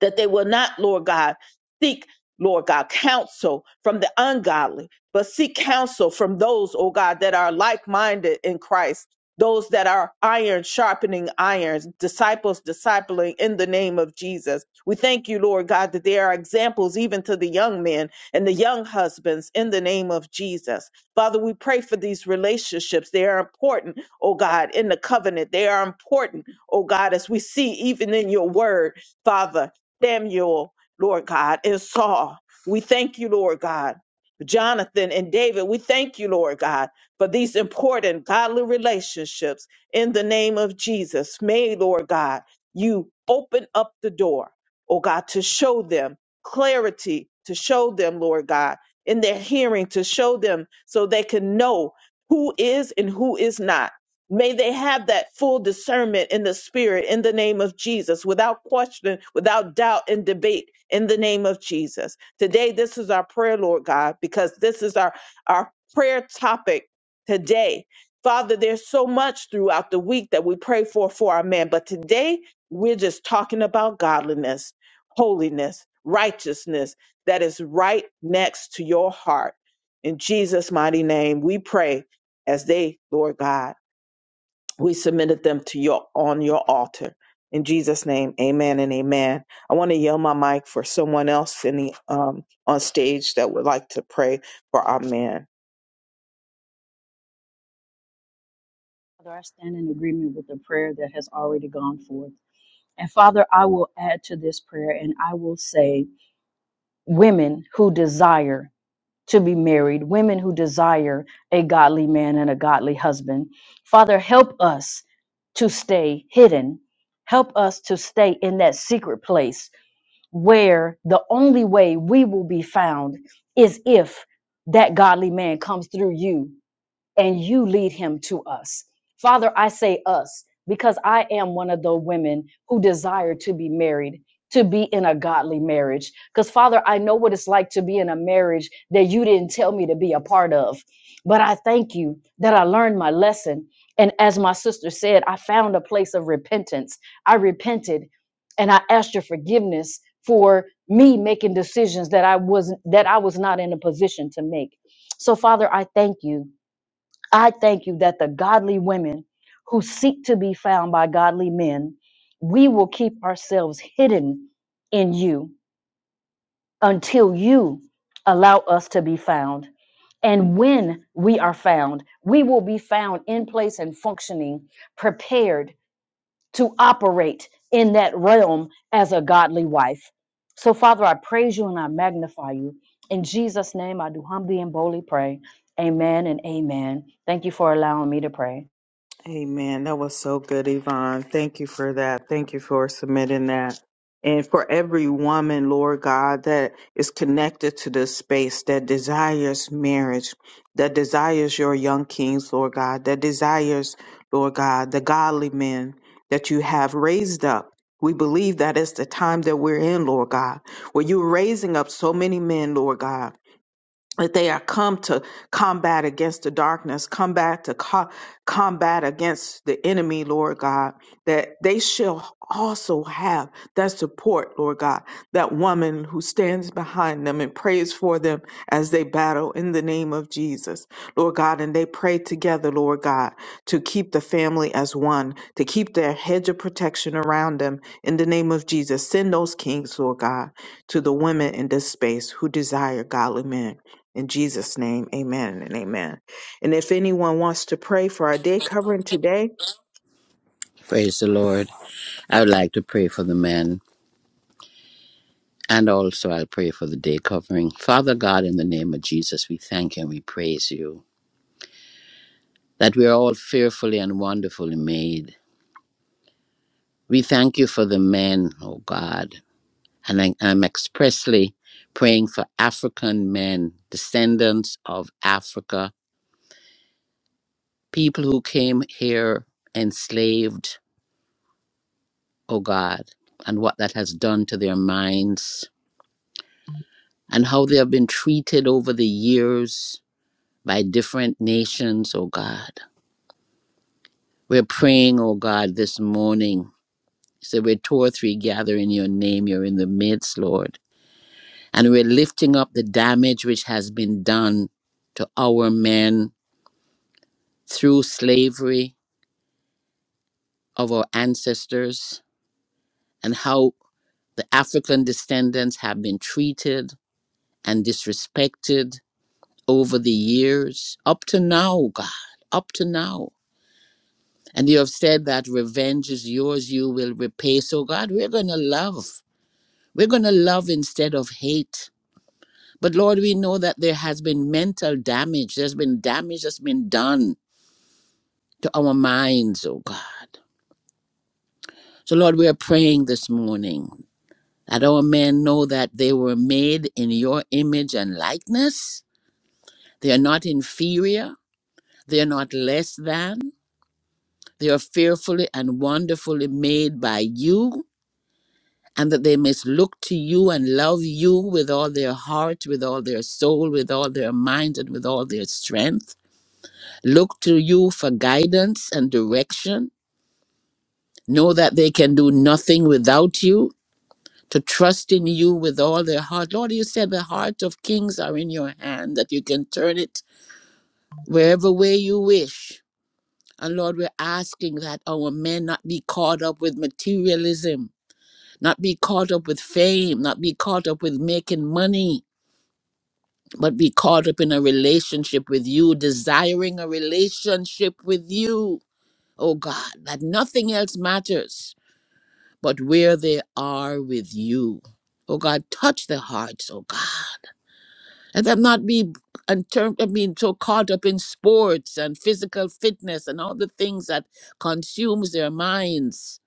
S1: that they will not, Lord God, seek, Lord God, counsel from the ungodly, but seek counsel from those, oh God, that are like minded in Christ, those that are iron sharpening irons, disciples discipling in the name of Jesus. We thank you, Lord God, that there are examples even to the young men and the young husbands in the name of Jesus. Father, we pray for these relationships. They are important, oh God, in the covenant. They are important, oh God, as we see even in your word, Father. Samuel, Lord God, and Saul. We thank you, Lord God. Jonathan and David, we thank you, Lord God, for these important godly relationships in the name of Jesus. May, Lord God, you open up the door, oh God, to show them clarity, to show them, Lord God, in their hearing, to show them so they can know who is and who is not. May they have that full discernment in the spirit in the name of Jesus, without question, without doubt and debate in the name of Jesus. Today, this is our prayer, Lord God, because this is our, our prayer topic today. Father, there's so much throughout the week that we pray for for our man, but today we're just talking about godliness, holiness, righteousness that is right next to your heart. In Jesus' mighty name, we pray as they, Lord God we submitted them to your on your altar in jesus name amen and amen i want to yell my mic for someone else in the um on stage that would like to pray for our men
S4: Father, I stand in agreement with the prayer that has already gone forth. And Father, I will add to this prayer and I will say, women who desire to be married, women who desire a godly man and a godly husband, Father, help us to stay hidden. Help us to stay in that secret place where the only way we will be found is if that godly man comes through you and you lead him to us. Father, I say us because I am one of the women who desire to be married, to be in a godly marriage. Because, Father, I know what it's like to be in a marriage that you didn't tell me to be a part of. But I thank you that I learned my lesson. And as my sister said, I found a place of repentance. I repented and I asked your forgiveness for me making decisions that I wasn't that I was not in a position to make. So Father, I thank you I thank you that the godly women who seek to be found by godly men, we will keep ourselves hidden in you until you allow us to be found. And when we are found, we will be found in place and functioning, prepared to operate in that realm as a godly wife. So, Father, I praise you and I magnify you. In Jesus' name, I do humbly and boldly pray. Amen and amen. Thank you for allowing me to pray.
S1: Amen. That was so good, Yvonne. Thank you for that. Thank you for submitting that. And for every woman, Lord God, that is connected to this space, that desires marriage, that desires your young kings, Lord God, that desires, Lord God, the godly men that you have raised up. We believe that it's the time that we're in, Lord God, where you're raising up so many men, Lord God that they are come to combat against the darkness, combat to co- combat against the enemy, Lord God, that they shall also have that support, Lord God, that woman who stands behind them and prays for them as they battle in the name of Jesus, Lord God, and they pray together, Lord God, to keep the family as one, to keep their hedge of protection around them in the name of Jesus. Send those kings, Lord God, to the women in this space who desire godly men. In Jesus' name, amen and amen. And if anyone wants to pray for our day covering today,
S5: Praise the Lord. I would like to pray for the men And also, I'll pray for the day covering. Father God, in the name of Jesus, we thank you and we praise you that we are all fearfully and wonderfully made. We thank you for the men, oh God. And I, I'm expressly praying for African men, descendants of Africa, people who came here enslaved, oh God, and what that has done to their minds and how they have been treated over the years by different nations, oh God. We're praying, oh God, this morning. So we're two or three gather in your name. You're in the midst, Lord. And we're lifting up the damage which has been done to our men through slavery of our ancestors and how the African descendants have been treated and disrespected over the years, up to now, God, up to now. And you have said that revenge is yours, you will repay. So, God, we're going to love. We're going to love instead of hate. But Lord, we know that there has been mental damage. There's been damage that's been done to our minds, oh God. So, Lord, we are praying this morning that our men know that they were made in your image and likeness. They are not inferior, they are not less than. They are fearfully and wonderfully made by you. and that they must look to you and love you with all their heart, with all their soul, with all their mind, and with all their strength. Look to you for guidance and direction. Know that they can do nothing without you, to trust in you with all their heart. Lord, you said the heart of kings are in your hand, that you can turn it wherever way you wish. And Lord, we're asking that our men not be caught up with materialism, not be caught up with fame, not be caught up with making money, but be caught up in a relationship with you, desiring a relationship with you. Oh God, that nothing else matters but where they are with you. Oh God, touch their hearts, oh God. Let them not be and term, I mean, so caught up in sports and physical fitness and all the things that consumes their minds.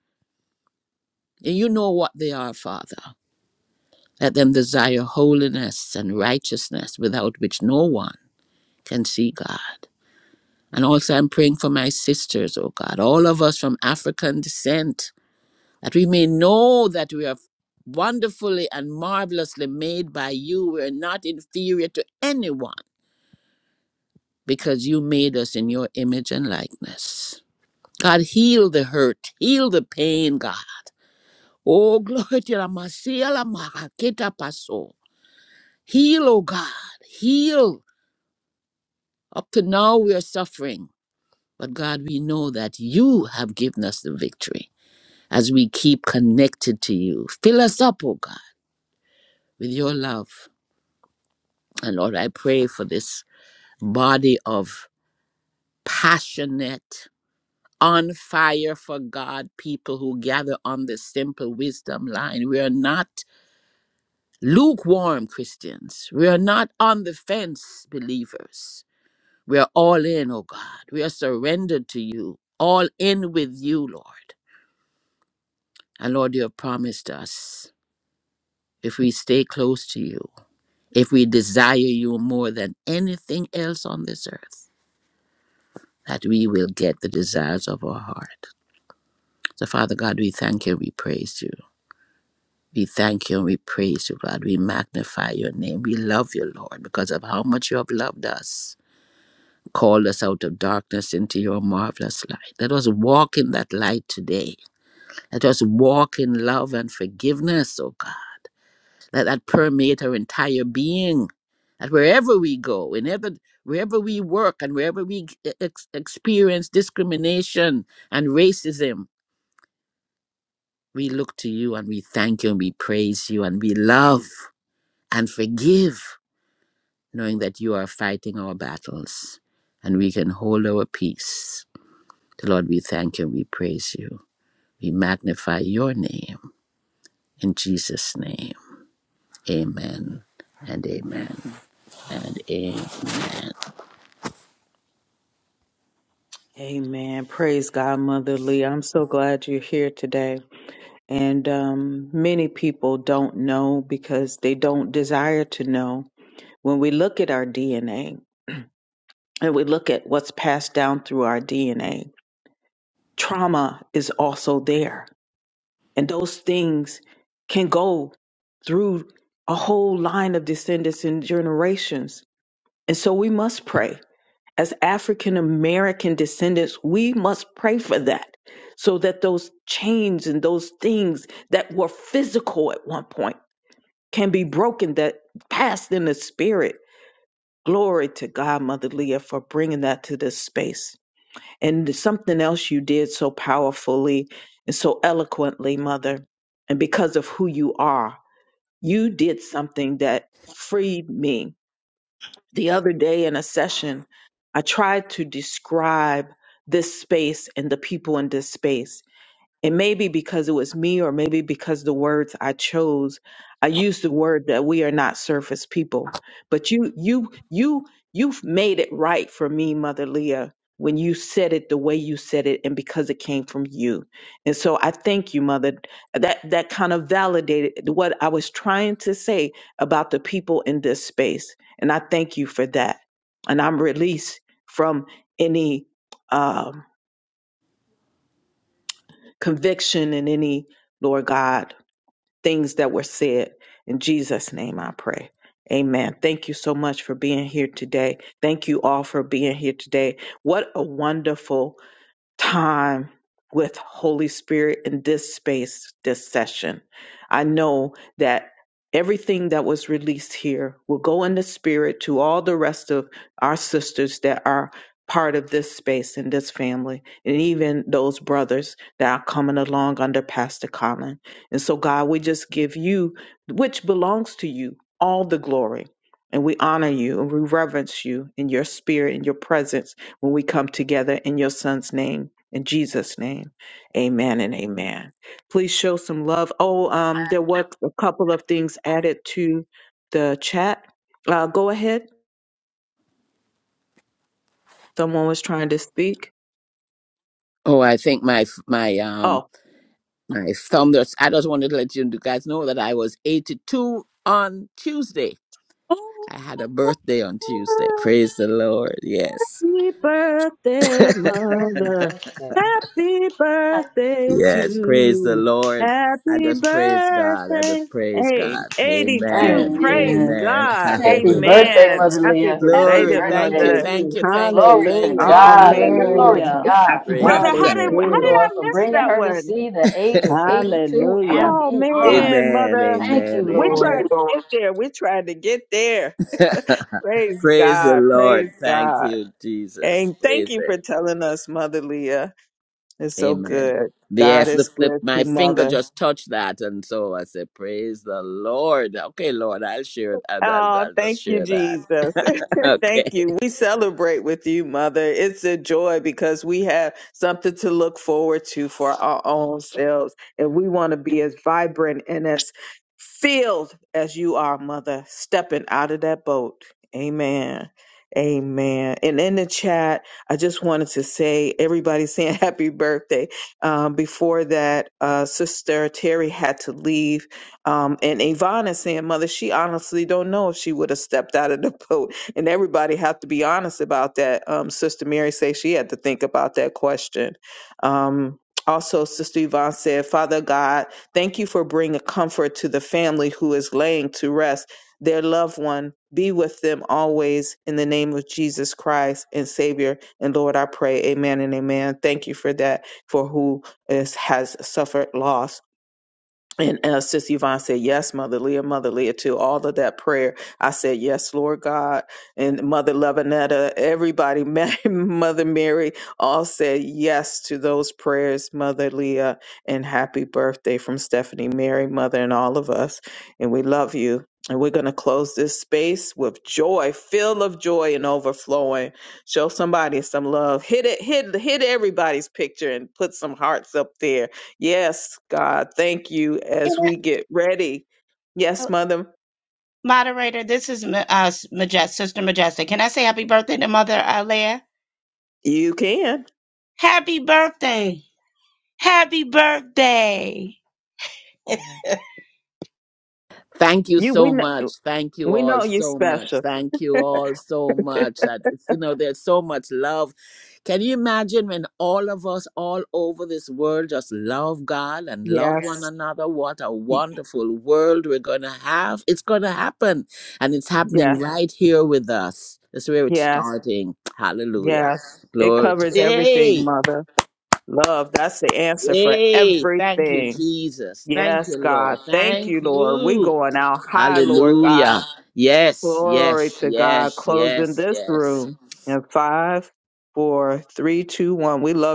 S5: And you know what they are, Father. Let them desire holiness and righteousness without which no one can see God. And also, I'm praying for my sisters, oh God, all of us from African descent, that we may know that we are wonderfully and marvelously made by you. We are not inferior to anyone because you made us in your image and likeness. God, heal the hurt, heal the pain, God. Oh, glory to la masia la maraketa paso. Heal, oh God, heal. Up to now, we are suffering, but God, we know that you have given us the victory. as we keep connected to you. Fill us up, oh God, with your love. And Lord, I pray for this body of passionate, on fire for God people who gather on the simple wisdom line. We are not lukewarm Christians, we are not on the fence believers. We are all in, oh God. We are surrendered to you, all in with you, Lord. And Lord, you have promised us if we stay close to you. if we desire you more than anything else on this earth, that we will get the desires of our heart. So, Father God, we thank you and we praise you. We thank you and we praise you, God. We magnify your name. We love you, Lord, because of how much you have loved us, called us out of darkness into your marvelous light. Let us walk in that light today. Let us walk in love and forgiveness, oh God. that that permeate our entire being that wherever we go whenever wherever we work and wherever we g- e, ex- experience discrimination and racism we look to you and we thank you and we praise you and we love and forgive knowing that you are fighting our battles and we can hold our peace lord we thank you and we praise you we magnify your name in jesus name amen and amen and amen
S1: amen. Praise God, Mother Lee. I'm so glad you're here today. And um, many people don't know because they don't desire to know. When we look at our DNA and we look at what's passed down through our DNA, trauma is also there. And those things can go through a whole line of descendants and generations. And so we must pray as African American descendants, we must pray for that so that those chains and those things that were physical at one point can be broken, that passed in the spirit. Glory to God, Mother Leah, for bringing that to this space. And something else you did so powerfully and so eloquently, Mother, and because of who you are, you did something that freed me the other day in a session, I tried to describe this space and the people in this space. It may be because it was me, or maybe because the words I chose, I used the word that we are not surface people. But you, you, you, you've made it right for me, Mother Leah, when you said it the way you said it, and because it came from you. And so I thank you, Mother. That that kind of validated what I was trying to say about the people in this space, and I thank you for that. And I'm released from any um, conviction and any Lord God things that were said. In Jesus' name I pray. Amen. Thank you so much for being here today. Thank you all for being here today. What a wonderful time with Holy Spirit in this space, this session. I know that everything that was released here will go in the spirit to all the rest of our sisters that are part of this space and this family, and even those brothers that are coming along under Pastor Colin. And so, God, we just give you, which belongs to you, all the glory. And we honor you and we reverence you in your spirit and your presence when we come together in your son's name. In Jesus' name, amen and amen. Please show some love. Oh, um, there were a couple of things added to the chat. Uh, go ahead. Someone was trying to speak.
S5: Oh, I think my f- my um
S1: Oh.
S5: my thumb. that's- I just wanted to let you guys know that I was 82 on Tuesday. I had a birthday on Tuesday. Praise the Lord. Yes,
S1: Happy birthday,
S3: Happy
S1: mother.
S3: birthday.
S1: Happy birthday to
S5: yes. Praise the
S1: you.
S5: Lord. I
S1: Happy
S5: just praise God. I
S1: birthday.
S5: just praise
S1: Hey,
S5: God.
S1: 82.
S5: Amen.
S1: Praise
S4: Amen.
S5: Amen. <laughs>
S1: God.
S4: Happy
S5: Hallelujah.
S4: birthday,
S1: Amen.
S4: Mother
S1: Happy
S4: Leah. Happy
S5: Glory.
S1: belated,
S5: Thank you.
S1: mother.
S4: birthday.
S5: Thank
S2: Amen.
S5: you. Thank you.
S4: Glory to
S5: Thank
S2: Hallelujah.
S5: you.
S1: Oh,
S4: God. Glory
S1: man.
S5: Hallelujah.
S4: to
S2: Hallelujah.
S4: God.
S6: Happy
S5: Praise
S1: Mother,
S2: God
S6: birthday.
S5: His
S2: is
S1: how did,
S4: Thank
S5: name.
S4: you,
S1: how did
S2: good.
S1: I
S4: Lord, for
S1: miss
S4: bringing
S1: that
S4: her to
S1: one?
S4: see the age of 82
S2: Hallelujah.
S4: and
S1: Oh,
S4: beyond.
S1: man,
S5: Amen.
S1: mother.
S4: Thank
S5: Amen.
S4: you,
S1: We tried
S4: Lord.
S5: Amen.
S1: to get there. We tried to get there.
S5: <laughs>
S1: Praise
S5: Praise the
S1: God. Praise
S5: Lord. Thank
S1: God.
S5: you, Jesus.
S1: And
S5: Praise
S1: thank you
S5: Him.
S1: for telling us, Mother Leah. It's so
S5: Amen.
S1: good. God
S5: Yes, the,
S1: is
S5: the,
S1: good
S5: my
S1: to
S5: finger
S1: mother.
S5: just touched that, and so I said, "Praise the Lord." Okay, Lord, I'll share. I'll, I'll,
S1: Oh,
S5: I'll just
S1: thank you,
S5: share that.
S1: Jesus.
S5: <laughs>
S1: <laughs> thank
S5: okay.
S1: you. We celebrate with you, mother. It's a joy because we have something to look forward to for our own selves. And we want to be as vibrant and as filled as you are, mother, stepping out of that boat. Amen. Amen. And in the chat, I just wanted to say everybody's <laughs> saying happy birthday. Um, before that, uh, Sister Terry had to leave Um, and Yvonne is saying, Mother, she honestly don't know if she would have stepped out of the <laughs> boat. And everybody have to be honest about that. Um, Sister Mary says she had to think about that question. Um, also, Sister Yvonne said, Father God, thank you for bringing comfort to the family who is laying to rest. Their loved one, be with them always in the name of Jesus Christ and Savior. And Lord, I pray, amen and amen. Thank you for that, for who is, has suffered loss. And uh, Sister Yvonne said, Yes, Mother Leah, Mother Leah, too. All of that prayer. I said, Yes, Lord God. And Mother Lavinetta, everybody, <laughs> Ma- Mother Mary, all said yes to those prayers, Mother Leah. And happy birthday from Stephanie, Mary, Mother, and all of us. And we love you. And we're going to close this space with joy, full of joy and overflowing. Show somebody some love. Hit it, hit, hit everybody's picture and put some hearts up there Yes, God, thank you
S7: Can
S1: as we get ready.
S7: I-
S1: Yes,
S7: uh,
S1: mother,
S7: Moderator, this is Ma- uh, Majestic, Sister Majestic. Can I say happy birthday to Mother uh, Leah?
S1: you can.
S7: Happy birthday! Happy birthday!
S5: Thank you
S1: You we
S5: so
S1: know,
S5: much. Thank you
S1: we
S5: all
S1: know you're
S5: so much.
S1: special.
S5: Thank you all so
S1: <laughs>
S5: much. That it's, you know, there's so much love. Can you imagine when all of us all over this world just love God and love one
S1: Yes.
S5: Yes. another? What a
S1: y-
S5: wonderful world we're going to have. It's going to happen. And it's happening
S1: Yeah.
S5: Yeah. right here with us. That's where it's Yeah.
S1: Yes.
S5: starting. Hallelujah.
S1: Yes.
S5: Yeah.
S1: It
S5: Glory to
S1: covers everything,
S5: Hey.
S1: mother. Love, that's the answer for
S5: Hey. Thank you,
S1: everything.
S5: Jesus. Thank you,
S1: Yes,
S5: Lord.
S1: God. Thank
S5: Thank
S1: you, Lord. We
S5: you.
S1: going out high, Lord God.
S5: Hallelujah. Yes,
S1: Glory
S5: yes,
S1: to God.
S5: yes,
S1: Closing
S5: yes,
S1: this
S5: yes.
S1: room in five, four, three, two, one. We love